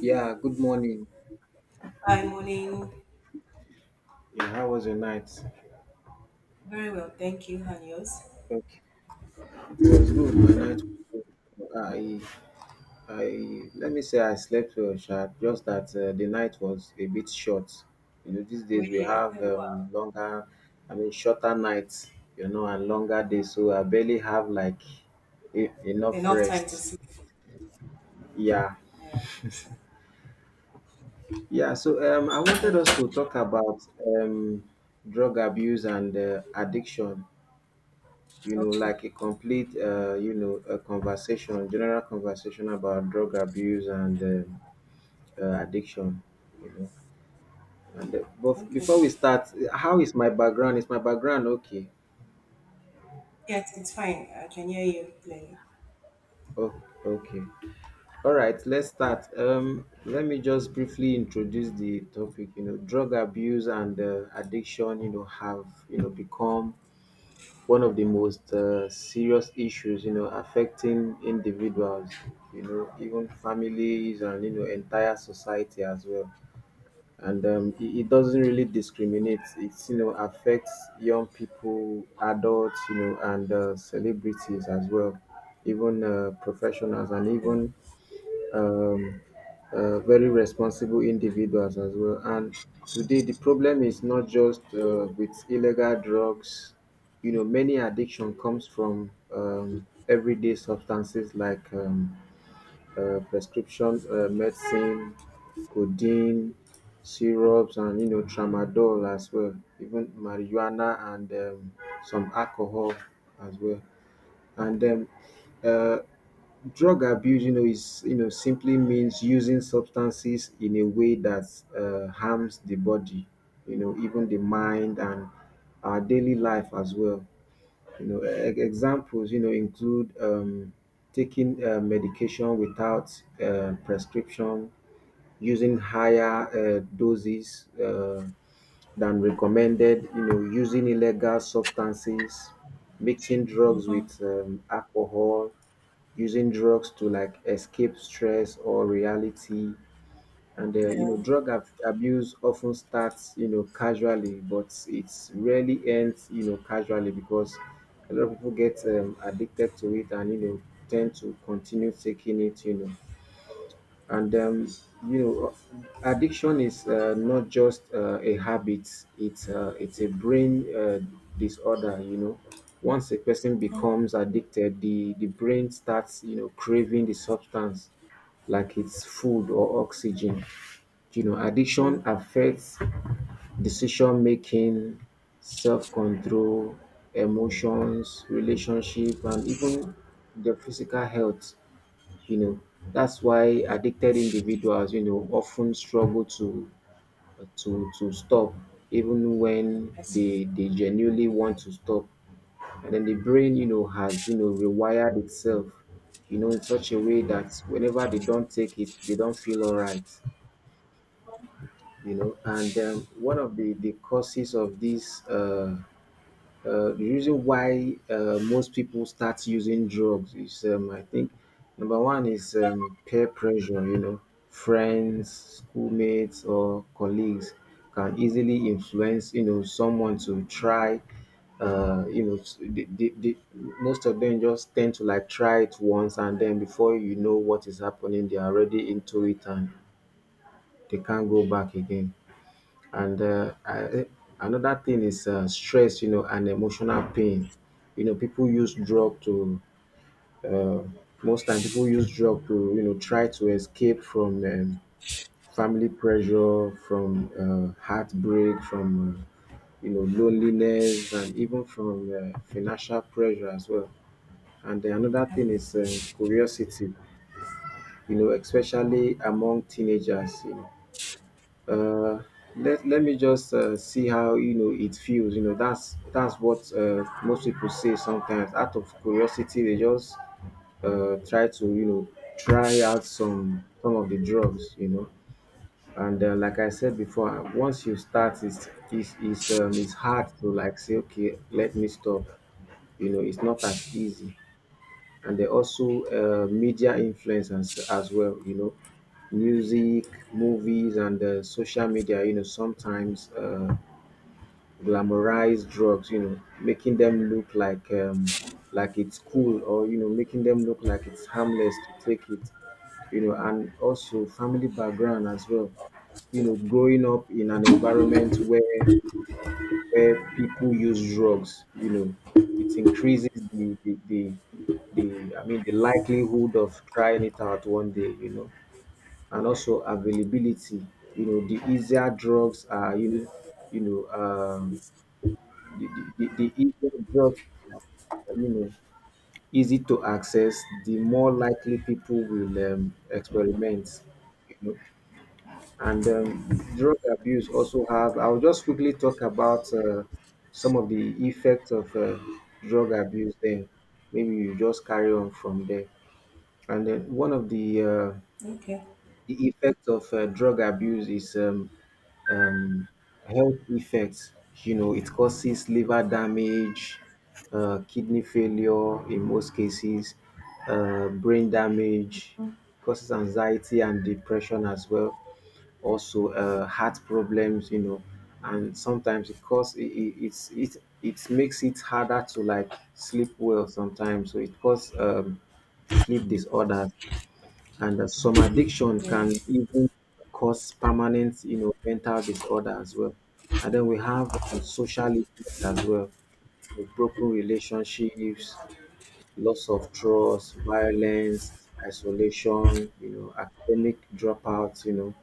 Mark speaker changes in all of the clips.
Speaker 1: Yeah, good morning.
Speaker 2: Hi, morning.
Speaker 1: Yeah, how was your night?
Speaker 2: Very well, thank you, and yours?
Speaker 1: Okay. It was good. My night was good. I let me say I slept well, sha. Just that the night was a bit short. You know, these days we
Speaker 2: Really? Oh,
Speaker 1: have
Speaker 2: wow.
Speaker 1: shorter nights, you know, and longer days. So I barely have like enough
Speaker 2: Enough time to
Speaker 1: rest.
Speaker 2: sleep.
Speaker 1: Yeah,
Speaker 2: Yeah. So,
Speaker 1: yeah. So I wanted us
Speaker 2: uh,
Speaker 1: to talk about um, drug abuse and addiction. You know,
Speaker 2: okay.
Speaker 1: like a complete, you know, a conversation, general conversation about drug abuse and addiction, you know. And but f- before we
Speaker 2: Okay.
Speaker 1: start, how is my background? Is my background okay?
Speaker 2: Yes, it's fine. I can hear you clearly.
Speaker 1: Oh, okay. All right, let's start. Let me just briefly introduce the topic. You know, drug abuse and addiction, you know, have you know become one of the most serious issues, you know, affecting individuals, you know, even families and, you know, entire society as well. And it doesn't really discriminate. It's, you know, affects young people, adults, you know, and celebrities as well, even professionals and
Speaker 2: Yeah.
Speaker 1: even um, very responsible individuals as well. And today, the problem is not just with illegal drugs. You know, many addiction comes from everyday substances like prescription medicine, codeine, syrups, and you know, tramadol as well. Even marijuana and some alcohol as well. And then uh, Drug abuse, you know, is you know simply means using substances in a way that harms the body, you know, even the mind and our daily life as well. You know, examples, you know, include taking medication without prescription, using higher doses than recommended, you know, using illegal substances, mixing drugs
Speaker 2: Mhm.
Speaker 1: with alcohol, using drugs to like escape stress or reality. And you
Speaker 2: Yeah.
Speaker 1: know, drug abuse often starts you know casually, but it's rarely ends you know casually because a lot of people get addicted to it and you know tend to continue taking it. And um, you know, Addiction is not just a habit; it's a brain disorder. You know, once a person becomes addicted, the brain starts you know craving the substance like it's food or oxygen. You know,
Speaker 2: Yeah.
Speaker 1: addiction affects decision making, self control, emotions, relationship, and even the physical health you know. That's why addicted individuals, you know, often struggle to stop even when
Speaker 2: Yes.
Speaker 1: they genuinely want to stop. And then the brain, you know, has you know rewired itself, you know, in such a way that whenever they don't take it, they don't feel all right, you know. And one of the causes of this the reason why most people start using drugs is, I think, number one is peer pressure. You know, friends, schoolmates, or colleagues can easily influence, you know, someone to try. You know, most of them just tend to like try it once, and then before you know what is happening, they are already into it and they can't go back again. And uh, I, Another thing is stress, you know, and emotional pain. You know, people use drug to uh, most time people use drug to you know try to escape from family pressure, from heartbreak, from you know loneliness, and even from financial pressure as well. And then another thing
Speaker 2: Um,
Speaker 1: is curiosity. You know, especially among teenagers. You know, uh let me just see how you know it feels you know that's what most people say sometimes out of curiosity they just try to you know try out some of the drugs you know and like I said before once you start it's hard to like say okay let me stop you know it's not as easy and they also media influence as well you know music movies and social media you know sometimes glamorize drugs you know making them look like it's cool or you know making them look like it's harmless to take it you know and also family background as well you know growing up in an environment where people use drugs, you know, it increases the I mean the likelihood of trying it out one day, you know, and also availability. You know, the easier drugs are you know the easier drugs are, you know easy to access, the more likely people will experiment. You know, and drug abuse also have I'll just quickly talk about some of the effects of drug abuse then maybe you just carry on from there and then one of
Speaker 2: Okay.
Speaker 1: the effect of drug abuse is um, health effects. You know, it causes liver damage, kidney failure in most cases, brain damage, causes anxiety and depression as well. Also, heart problems. You know, and sometimes it cause it, it's it it makes it harder to like sleep well sometimes. So it causes sleep disorders and some addiction
Speaker 2: Yeah.
Speaker 1: can even cause permanent, you know, mental disorder as well. And then we have social effect as well, with broken relationships, loss of trust, violence, isolation, you know, academic dropouts, you know,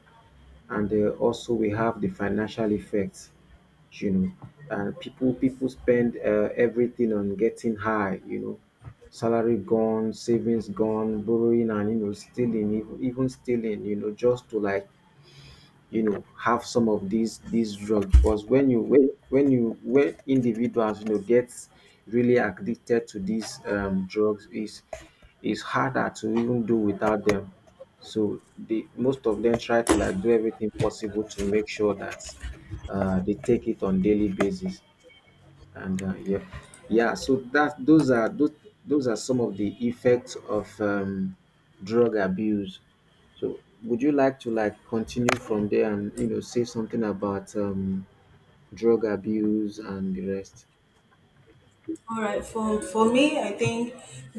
Speaker 1: and also we have the financial effects you know and people spend everything on getting high you know salary gone savings gone borrowing and you know stealing even stealing you know just to like you know have some of these drugs because when individuals you know get really addicted to these drugs is it's harder to even do without them so the most of them try to like do everything possible to make sure that they take it on daily basis and uh, yeah so that those are some of the effects of drug abuse so would you like to like continue from there and you know say something about drug abuse and the rest.
Speaker 2: All right. For me, I think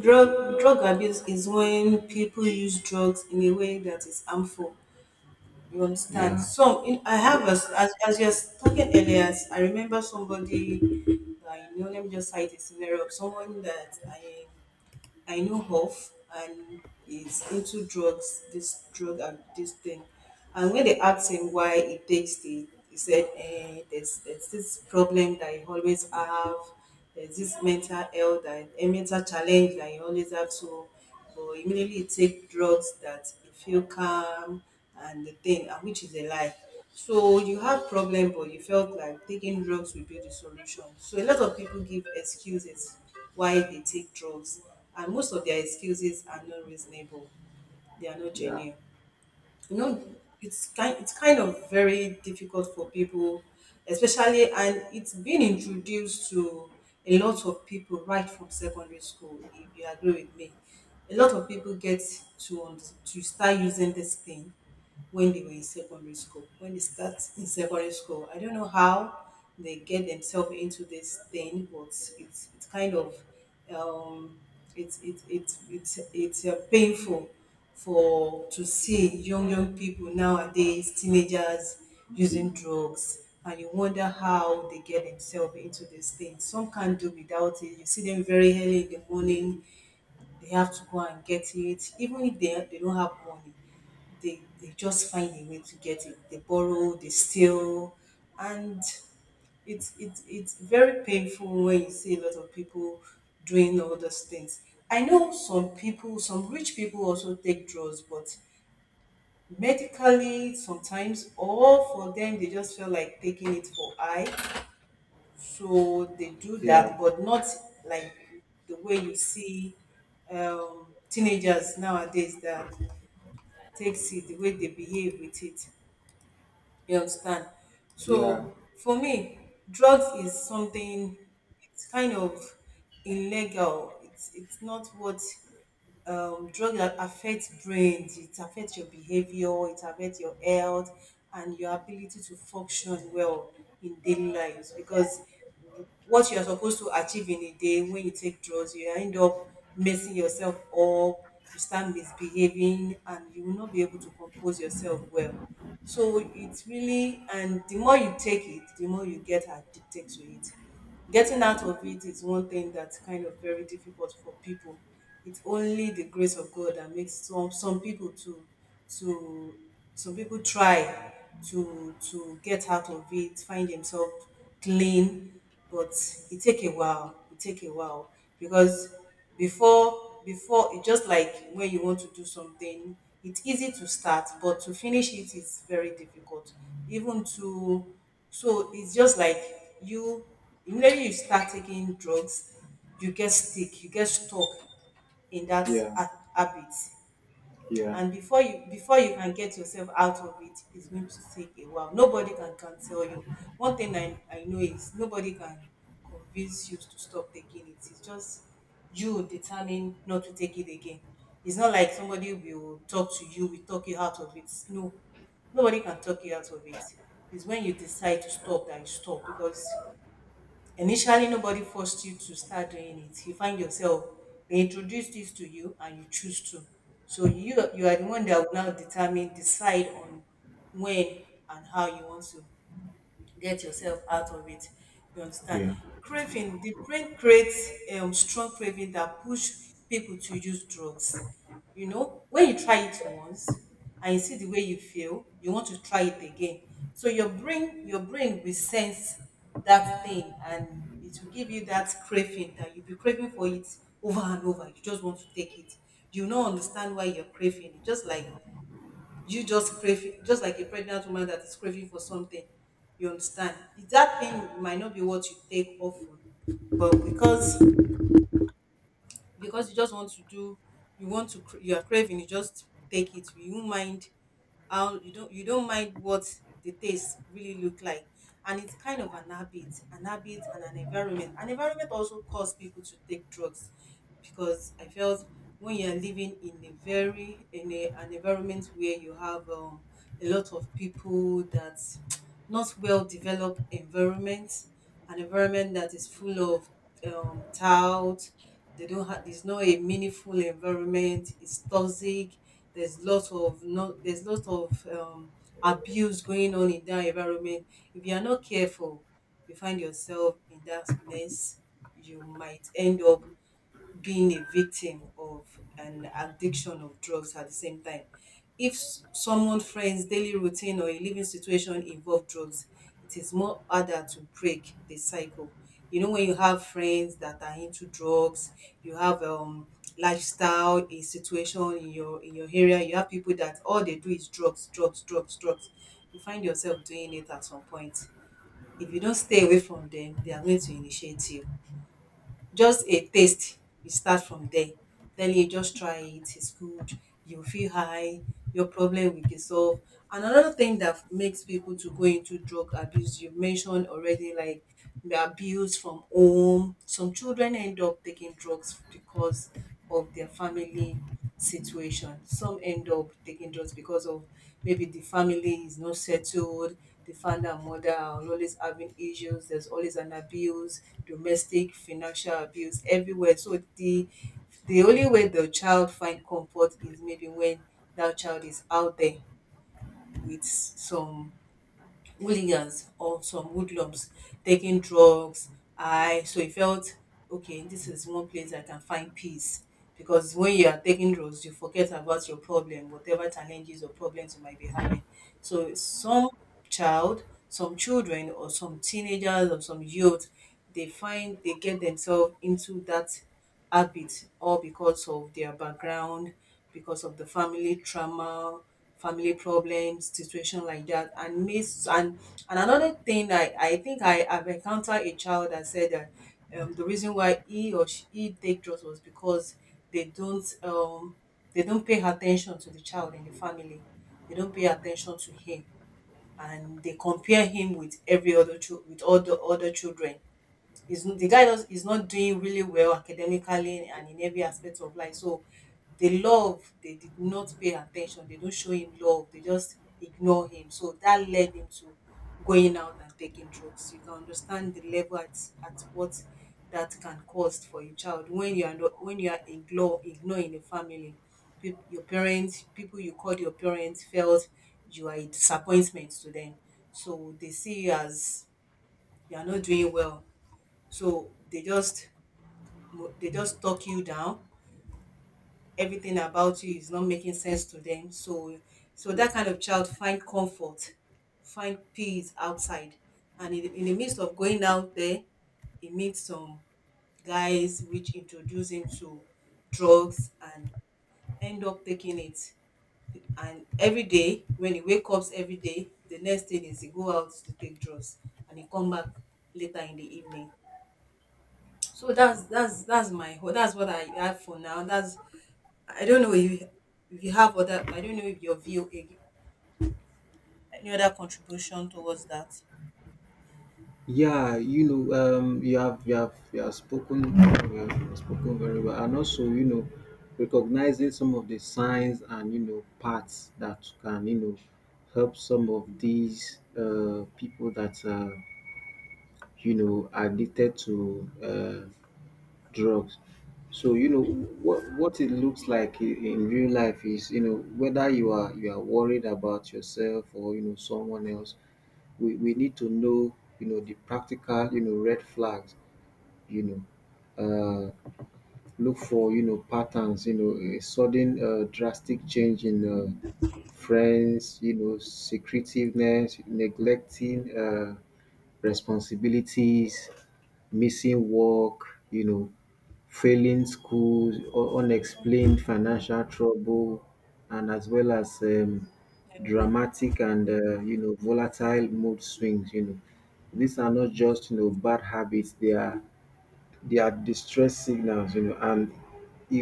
Speaker 2: drug abuse is when people use drugs in a way that is harmful. You understand?
Speaker 1: Yeah,
Speaker 2: So in, I have a, as you're talking earlier, I remember somebody that I know. Let me just cite a scenario of someone that I know of and is into drugs. This drug and this thing. And when they asked him why he takes it, he said, eh, there's this problem that he always have. There's this mental health, that, a mental challenge that he always have. So, but immediately he take drugs that he feel calm and the thing, and which is a lie. So you have problem, but you felt like taking drugs will be the solution. So a lot of people give excuses why they take drugs, and most of their excuses are not reasonable. They are not
Speaker 1: yeah,
Speaker 2: genuine, you know. It's kind of very difficult for people, especially, and it's been introduced to a lot of people right from secondary school if you agree with me. A lot of people get to to start using this thing when they were in secondary school. When they start in secondary school, I don't know how they get themselves into this thing, but it's kind of um, it's it, it, it's painful for to see young people nowadays, teenagers using drugs. And you wonder how they get themselves into this thing. Some can't do without it. You see them very early in the morning, they have to go and get it. Even if they don't have money, they just find a way to get it. They borrow, they steal, and it's very painful when you see a lot of people doing all those things. I know some people, some rich people also take drugs, but medically sometimes, or for them they just feel like taking it for eye. So they do
Speaker 1: yeah,
Speaker 2: that, but not like the way you see teenagers nowadays that takes it, the way they behave with it. You understand?
Speaker 1: yeah,
Speaker 2: So for me, drugs is something, it's kind of illegal. It's not what drug that affects brains, it affects your behavior, it affects your health and your ability to function well in daily lives, because what you are supposed to achieve in a day, when you take drugs, you end up messing yourself up, you start misbehaving and you will not be able to compose yourself well. So it's really, and the more you take it, the more you get addicted to it. Getting out of it is one thing that's kind of very difficult for people. It's only the grace of God that makes some people to some people try get out of it, find themselves clean, but it take a while. It take a while because before before it just like when you want to do something, it's easy to start, but to finish it is very difficult. Even to, so it's just like you, immediately you start taking drugs, you get sick, you get stuck in that
Speaker 1: yeah,
Speaker 2: habit,
Speaker 1: yeah,
Speaker 2: and before you can get yourself out of it, it's going to take a while. Nobody can tell you. One thing I know is nobody can convince you to stop taking it. It's just, you determine not to take it again. It's not like somebody will talk to you, will talk you out of it. No, nobody can talk you out of it. It's when you decide to stop that you stop, because initially, nobody forced you to start doing it. You find yourself, they introduce this to you and you choose to. So you are the one that will now determine, decide on when and how you want to get yourself out of it. You understand?
Speaker 1: yeah.
Speaker 2: Craving, the brain creates strong craving that push people to use drugs. You know, when you try it once and you see the way you feel, you want to try it again. So your brain will sense that thing, and it will give you that craving, that you'll be craving for it over and over. You just want to take it. You don't understand why you're craving. It's just like you just crave, just like a pregnant woman that is craving for something, you understand? That thing might not be what you take often, but because you just want to do, you want to you are craving, you just take it. You won't mind how, you don't mind what the taste really look like. And it's kind of an habit, and an environment also cause people to take drugs, because I felt when you're living in a an environment where you have a lot of people that not well developed environment, an environment that is full of doubt. They don't have. There's not a meaningful environment. It's toxic. There's lots of no. There's lots of abuse going on in that environment. If you are not careful, you find yourself in that mess. You might end up being a victim of an addiction of drugs at the same time. If someone's friend's daily routine or a living situation involve drugs, it is more harder to break the cycle. You know, when you have friends that are into drugs, you have lifestyle, a situation in your area, you have people that all they do is drugs, drugs, drugs, drugs. You find yourself doing it at some point. If you don't stay away from them, they are going to initiate you. Just a taste, you start from there. Tell you, just try it, it's good. You feel high, your problem will get solved. And another thing that makes people to go into drug abuse, you mentioned already, like we are abused from home. Some children end up taking drugs because of their family situation. Some end up taking drugs because of maybe the family is not settled, the father and mother are always having issues, there's always an abuse, domestic, financial abuse everywhere. So the only way the child find comfort is maybe when that child is out there with some hooligans or some hoodlums taking drugs. I, so he felt, okay, this is one place I can find peace, because when you are taking drugs, you forget about your problem, whatever challenges or problems you might be having. So some child, some children, or some teenagers or some youth, they find, they get themselves into that habit or because of their background, because of the family trauma, family problems, situation like that. And miss and another thing, I think I have encountered a child that said that the reason why he or she he take drugs was because they don't um they don't pay attention to the child in the family. They don't pay attention to him, and they compare him with every other child, with all the other children. Is the guy does, is not doing really well academically and in every aspect of life. So the love, they did not pay attention. They don't show him love. They just ignore him. So that led him to going out and taking drugs. You can understand the level at what that can cost for a child when you are not, when you are ignore ignoring a family. People, your parents, people you called your parents felt you are a disappointment to them. So they see you as you are not doing well, so they just talk you down. Everything about you is not making sense to them. So that kind of child find comfort, find peace outside, and in the midst of going out there, he meets some guys which introduce him to drugs and end up taking it. And every day, when he wake up every day, the next thing is he go out to take drugs and he come back later in the evening. So that's my that's what I have for now. That's, I don't know if you have other, I don't know if your view any other contribution towards that.
Speaker 1: Yeah, you know, you have you have you have spoken very well, and also you know, recognizing some of the signs and you know paths that can you know help some of these people that are you know are addicted to drugs. So you know what it looks like in real life is you know whether you are worried about yourself or you know someone else we need to know, you know, the practical, you know, red flags, you know. Uh, Look for you know patterns you know a sudden drastic change in friends you know secretiveness neglecting responsibilities missing work you know failing schools unexplained financial trouble and as well as dramatic and you know volatile mood swings you know these are not just you know bad habits they are distress signals, you know, and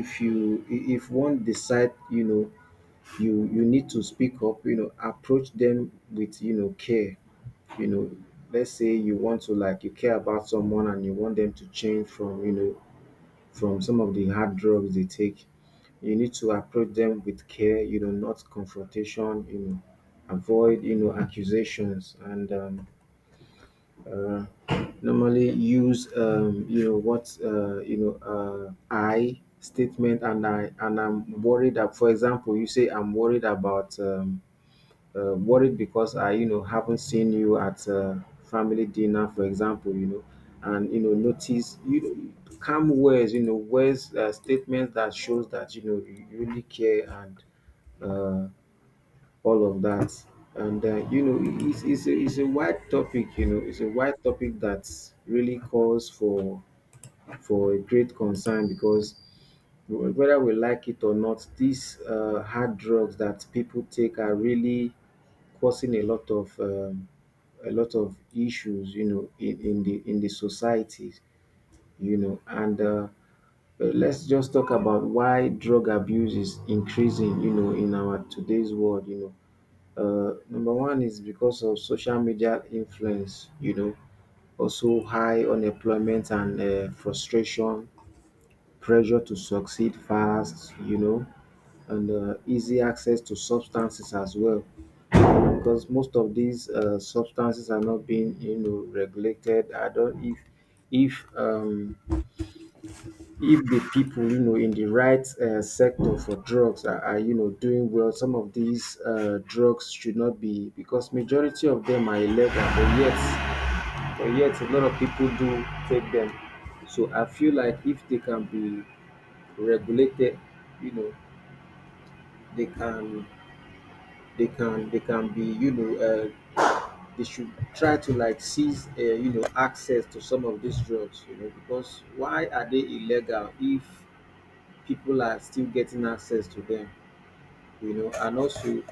Speaker 1: if you if one decide, you know, you need to speak up, you know, approach them with, you know, care. You know, let's say you want to like you care about someone and you want them to change from, you know, from some of the hard drugs they take. You need to approach them with care, you know, not confrontation, you know, avoid, you know, accusations and uh, normally use you know what you know I statement and I'm worried that, for example, you say I'm worried about worried because I you know haven't seen you at family dinner for example you know and you know notice you know, calm words you know words statements that shows that you know you really care and uh, all of that. And you know, it's a wide topic. You know, it's a wide topic that really calls for a great concern because whether we like it or not, these hard drugs that people take are really causing a lot of issues. You know, in the society. You know, and let's just talk about why drug abuse is increasing. You know, in our today's world. You know, number one is because of social media influence, you know, also high unemployment and frustration, pressure to succeed fast, you know, and easy access to substances as well. Because most of these substances are not being, you know, regulated. I don't if um, if the people, you know, in the right sector for drugs are, you know, doing well, some of these drugs should not be, because majority of them are illegal, but yet a lot of people do take them. So I feel like if they can be regulated, you know, they can they can be, you know, they should try to like seize, you know, access to some of these drugs, you know, because why are they illegal if people are still getting access to them? You know, and also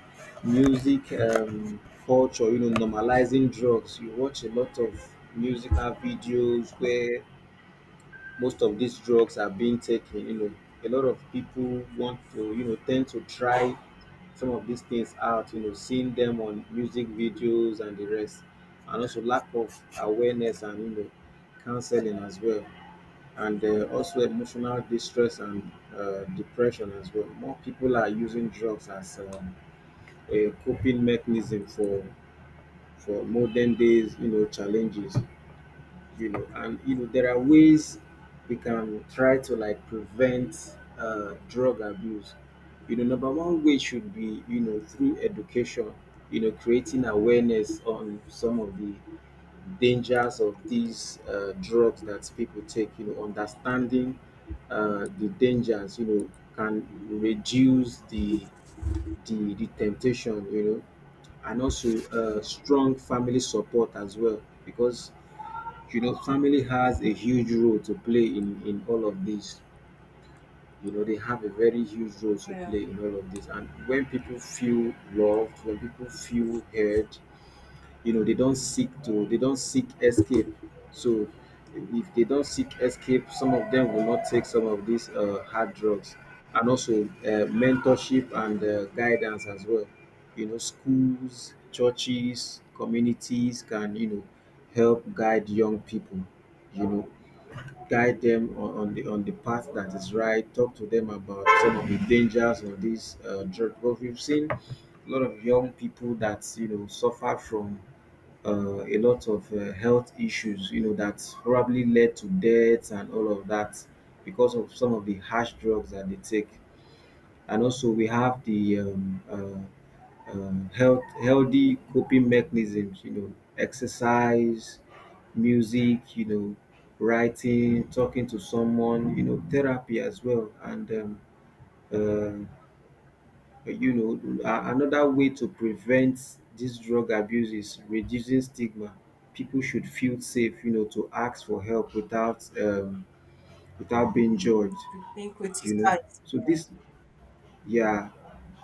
Speaker 1: music culture, you know, normalizing drugs. You watch a lot of musical videos where most of these drugs are being taken. You know, a lot of people want to, you know, tend to try some of these things out. You know, seeing them on music videos and the rest, and also lack of awareness and, you know, counseling as well. And also emotional distress and depression as well. More people are using drugs as a coping mechanism for modern days, you know, challenges. You know, and, you know, there are ways we can try to like prevent drug abuse. You know, number one way should be, you know, through education, you know, creating awareness on some of the dangers of these drugs that people take. You know, understanding the dangers, you know, can reduce the temptation, you know. And also strong family support as well, because, you know, family has a huge role to play in all of this. You know, they have a very huge role to
Speaker 2: Yeah,
Speaker 1: play in all of this. And when people feel loved, when people feel heard, you know, they don't seek escape. So if they don't seek escape, some of them will not take some of these hard drugs. And also mentorship and guidance as well. You know, schools, churches, communities can, you know, help guide young people. You know, guide them on the path that is right. Talk to them about some of the dangers of these drugs. But we've seen a lot of young people that, you know, suffer from a lot of health issues, you know, that probably led to deaths and all of that, because of some of the harsh drugs that they take. And also, we have the health healthy coping mechanisms, you know, exercise, music, you know, writing, talking to someone, you know, therapy as well, and uh, you know, another way to prevent this drug abuse is reducing stigma. People should feel safe, you know, to ask for help without without being judged.
Speaker 2: being
Speaker 1: You know,
Speaker 2: criticized.
Speaker 1: so yeah,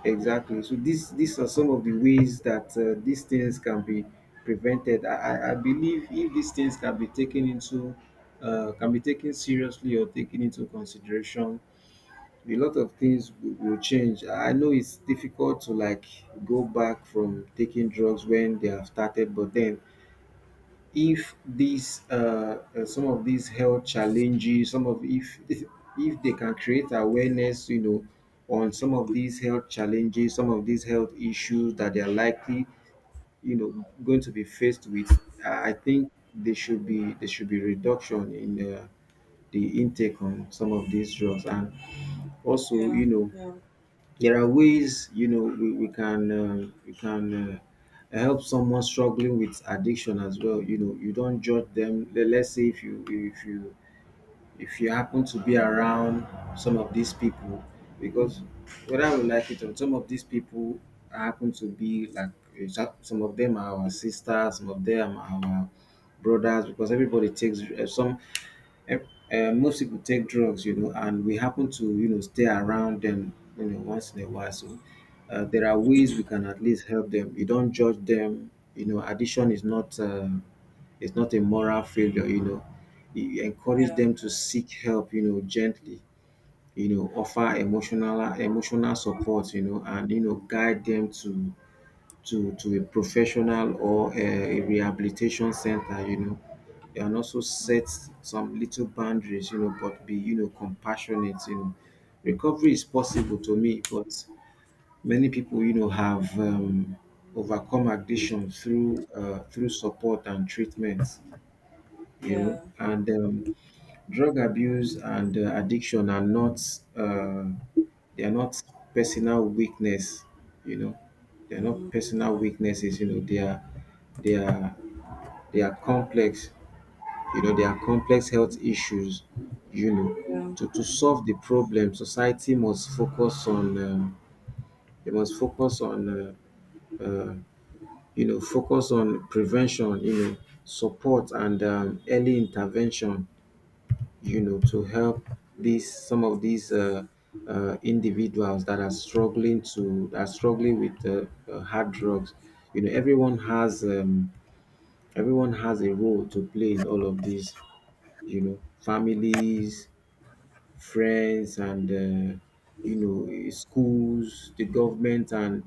Speaker 1: exactly. So this these are some of the ways that these things can be prevented. I believe if these things can be taken into can be taken seriously or taken into consideration, a lot of things will change. I know it's difficult to like go back from taking drugs when they have started. But then if these some of these health challenges, some of if they can create awareness, you know, on some of these health challenges, some of these health issues that they are likely, you know, going to be faced with, I think they should be there should be reduction in the intake on some of these drugs. And also,
Speaker 2: Yeah,
Speaker 1: you know,
Speaker 2: yeah,
Speaker 1: there are ways, you know, we can we can help someone struggling with addiction as well. You know, you don't judge them. Let's say if you happen to be around some of these people, because whether we like it or not, some of these people happen to be like, some of them are our sisters, some of them are our brothers. Because everybody takes some most people take drugs, you know, and we happen to, you know, stay around them, you know, once in a while. So there are ways we can at least help them. You don't judge them. You know, addiction is not it's not a moral failure. You know, you encourage
Speaker 2: yeah,
Speaker 1: them to seek help. You know, gently. You know, offer emotional support. You know, and, you know, guide them to a professional or a rehabilitation center. You know, and also set some little boundaries, you know, but be, you know, compassionate, you know. Recovery is possible to me, but many people, you know, have overcome addiction through through support and treatment, you know,
Speaker 2: yeah,
Speaker 1: and drug abuse and addiction are not uh, they are not personal weakness, you know, they are not
Speaker 2: mm,
Speaker 1: personal weaknesses, you know, they are they are complex. You know, there are complex health issues, you know.
Speaker 2: yeah.
Speaker 1: To solve the problem, society must focus on, they must focus on, uh, uh, you know, focus on prevention, you know, support, and early intervention, you know, to help some of these individuals that are struggling that are struggling with hard drugs. You know, everyone has a role to play in all of this, you know. Families, friends, and you know, schools, the government, and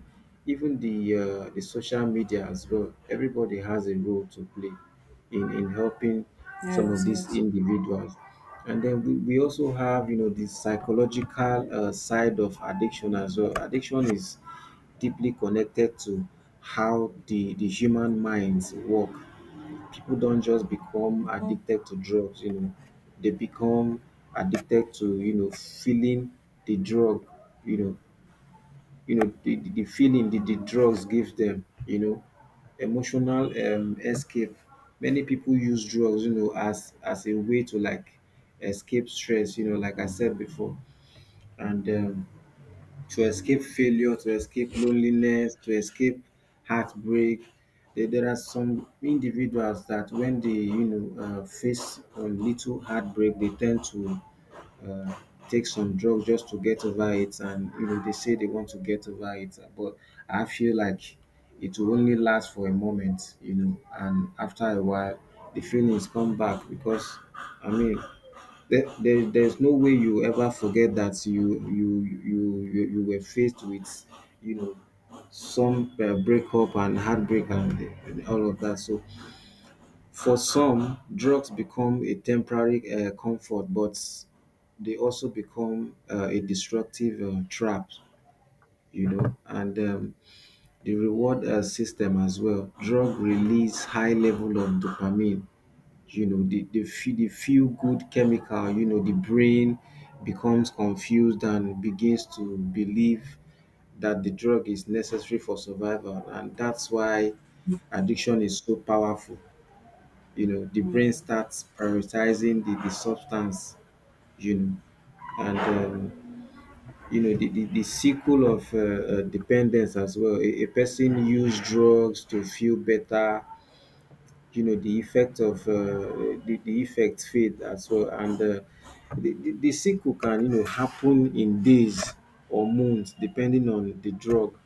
Speaker 1: even the social media as well. Everybody has a role to play in helping some of
Speaker 2: Yes,
Speaker 1: these
Speaker 2: yes.
Speaker 1: individuals. And then we also have, you know, the psychological side of addiction as well. Addiction is deeply connected to how the human minds work. People don't just become
Speaker 2: Mm,
Speaker 1: addicted to drugs, you know, they become addicted to, you know, feeling the drug, you know. You know, the feeling that the drugs give them, you know, emotional escape. Many people use drugs, you know, as a way to like escape stress, you know, like I said before. And to escape failure, to escape loneliness, to escape heartbreak. There are some individuals that when they, you know, face a little heartbreak, they tend to uh, take some drugs just to get over it. And you know, they say they want to get over it, but I feel like it will only last for a moment, you know, and after a while the feelings come back. Because I mean, there's no way you ever forget that you were faced with, you know, some breakup and heartbreak, and all of that. So for some, drugs become a temporary comfort, but they also become a destructive trap. You know, and the reward system as well. Drug release high level of dopamine, you know, the feel good chemical. You know, the brain becomes confused and begins to believe that the drug is necessary for survival. And that's why addiction is so powerful. You know, the
Speaker 2: mm,
Speaker 1: brain starts prioritizing the substance, you know. And you know, the cycle of dependence as well. A person use drugs to feel better. You know, the effect of the effect fade as well, and the sickle can, you know, happen in days or months, depending on the drug.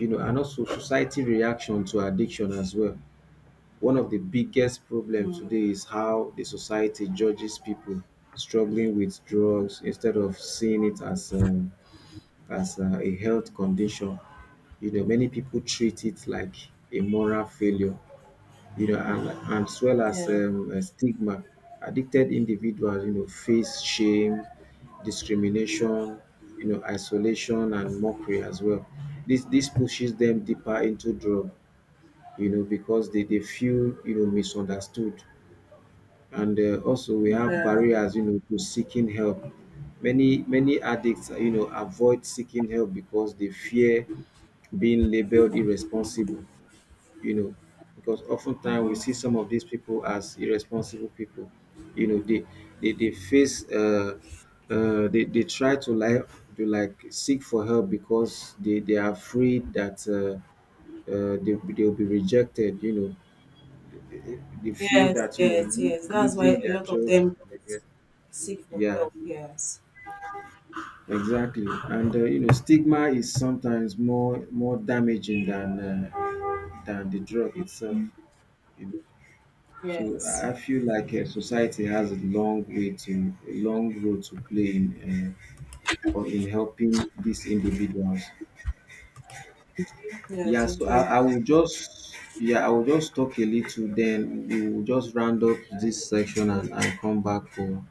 Speaker 1: You know, and also society reaction to addiction as well. One of the biggest problems today
Speaker 2: mm,
Speaker 1: is how the society judges people struggling with drugs instead of seeing it as a health condition. You know, many people treat it like a moral failure, you know. And as well as
Speaker 2: yeah,
Speaker 1: stigma. Addicted individuals, you know, face shame, discrimination, you know, isolation, and mockery as well. This pushes them deeper into drug, you know, because they feel, you know, misunderstood. And also we have
Speaker 2: yeah.
Speaker 1: barriers, you know, to seeking help. Many addicts, you know, avoid seeking help because they fear being labeled irresponsible, you know. Because oftentimes we see some of these people as irresponsible people. You know, they they face they try to like seek for help because they are afraid that they they'll be rejected. You know, they they feel
Speaker 2: Yes,
Speaker 1: that, you know,
Speaker 2: yes, yes. That's why
Speaker 1: losing
Speaker 2: a
Speaker 1: their
Speaker 2: lot of
Speaker 1: job.
Speaker 2: them don't seek for
Speaker 1: Yeah,
Speaker 2: help. Yes,
Speaker 1: exactly. And you know, stigma is sometimes more damaging than the drug itself. So
Speaker 2: yes,
Speaker 1: I feel like society has a long way to a long role to play in uh, or in helping these individuals.
Speaker 2: yeah.
Speaker 1: Yeah,
Speaker 2: They
Speaker 1: so I,
Speaker 2: do.
Speaker 1: I will just yeah I will just talk a little, then we will just round up this section, and come back for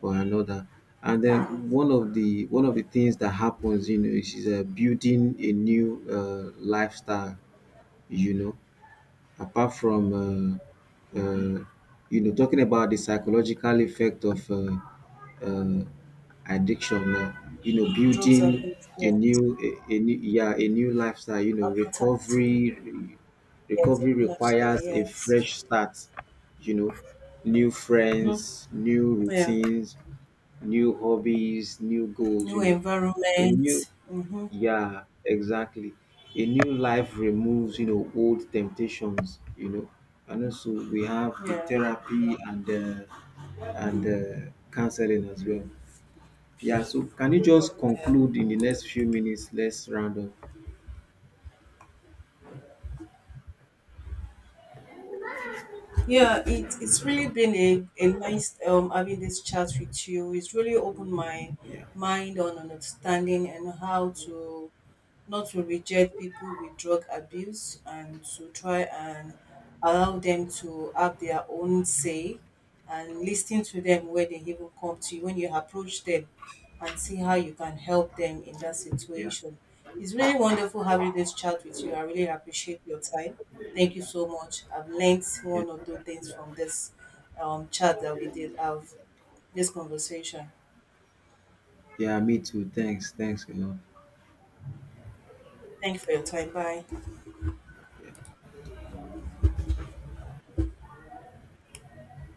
Speaker 1: another. And
Speaker 2: Okay.
Speaker 1: then one of the things that happens, you know, is building a new uh, lifestyle. You know, apart from
Speaker 2: Mm-hmm.
Speaker 1: you know, talking about the psychological effect of uh, addiction. You know,
Speaker 2: The drugs are
Speaker 1: building
Speaker 2: big.
Speaker 1: a new
Speaker 2: Yes.
Speaker 1: a new, yeah, a new lifestyle. You know,
Speaker 2: Appetite.
Speaker 1: recovery
Speaker 2: Yes, a new lifestyle.
Speaker 1: requires a
Speaker 2: Yes.
Speaker 1: fresh start. You know, new
Speaker 2: Mhm.
Speaker 1: friends, new
Speaker 2: Yeah.
Speaker 1: routines, new hobbies, new goals,
Speaker 2: New
Speaker 1: you know, a
Speaker 2: environment.
Speaker 1: new,
Speaker 2: Mm-hmm.
Speaker 1: yeah, exactly, a new life removes, you know, old temptations, you know. And also we have the
Speaker 2: Yeah.
Speaker 1: therapy and counseling as well. Yeah, so can you just
Speaker 2: Yeah.
Speaker 1: conclude in the next few minutes? Let's round up.
Speaker 2: Yeah. It's really been a nice having this chat with you. It's really opened my
Speaker 1: Yeah.
Speaker 2: mind on understanding and how to not to reject people with drug abuse and to try and allow them to have their own say, and listening to them when they even come to you, when you approach them, and see how you can help them in that
Speaker 1: Yeah.
Speaker 2: situation. It's really wonderful having this chat with you. I really appreciate your time. Thank you so much. I've learned one or two things from this chat that we did have, this conversation.
Speaker 1: Yeah, me too. Thanks. Thanks a lot.
Speaker 2: Thank you for your time. Bye.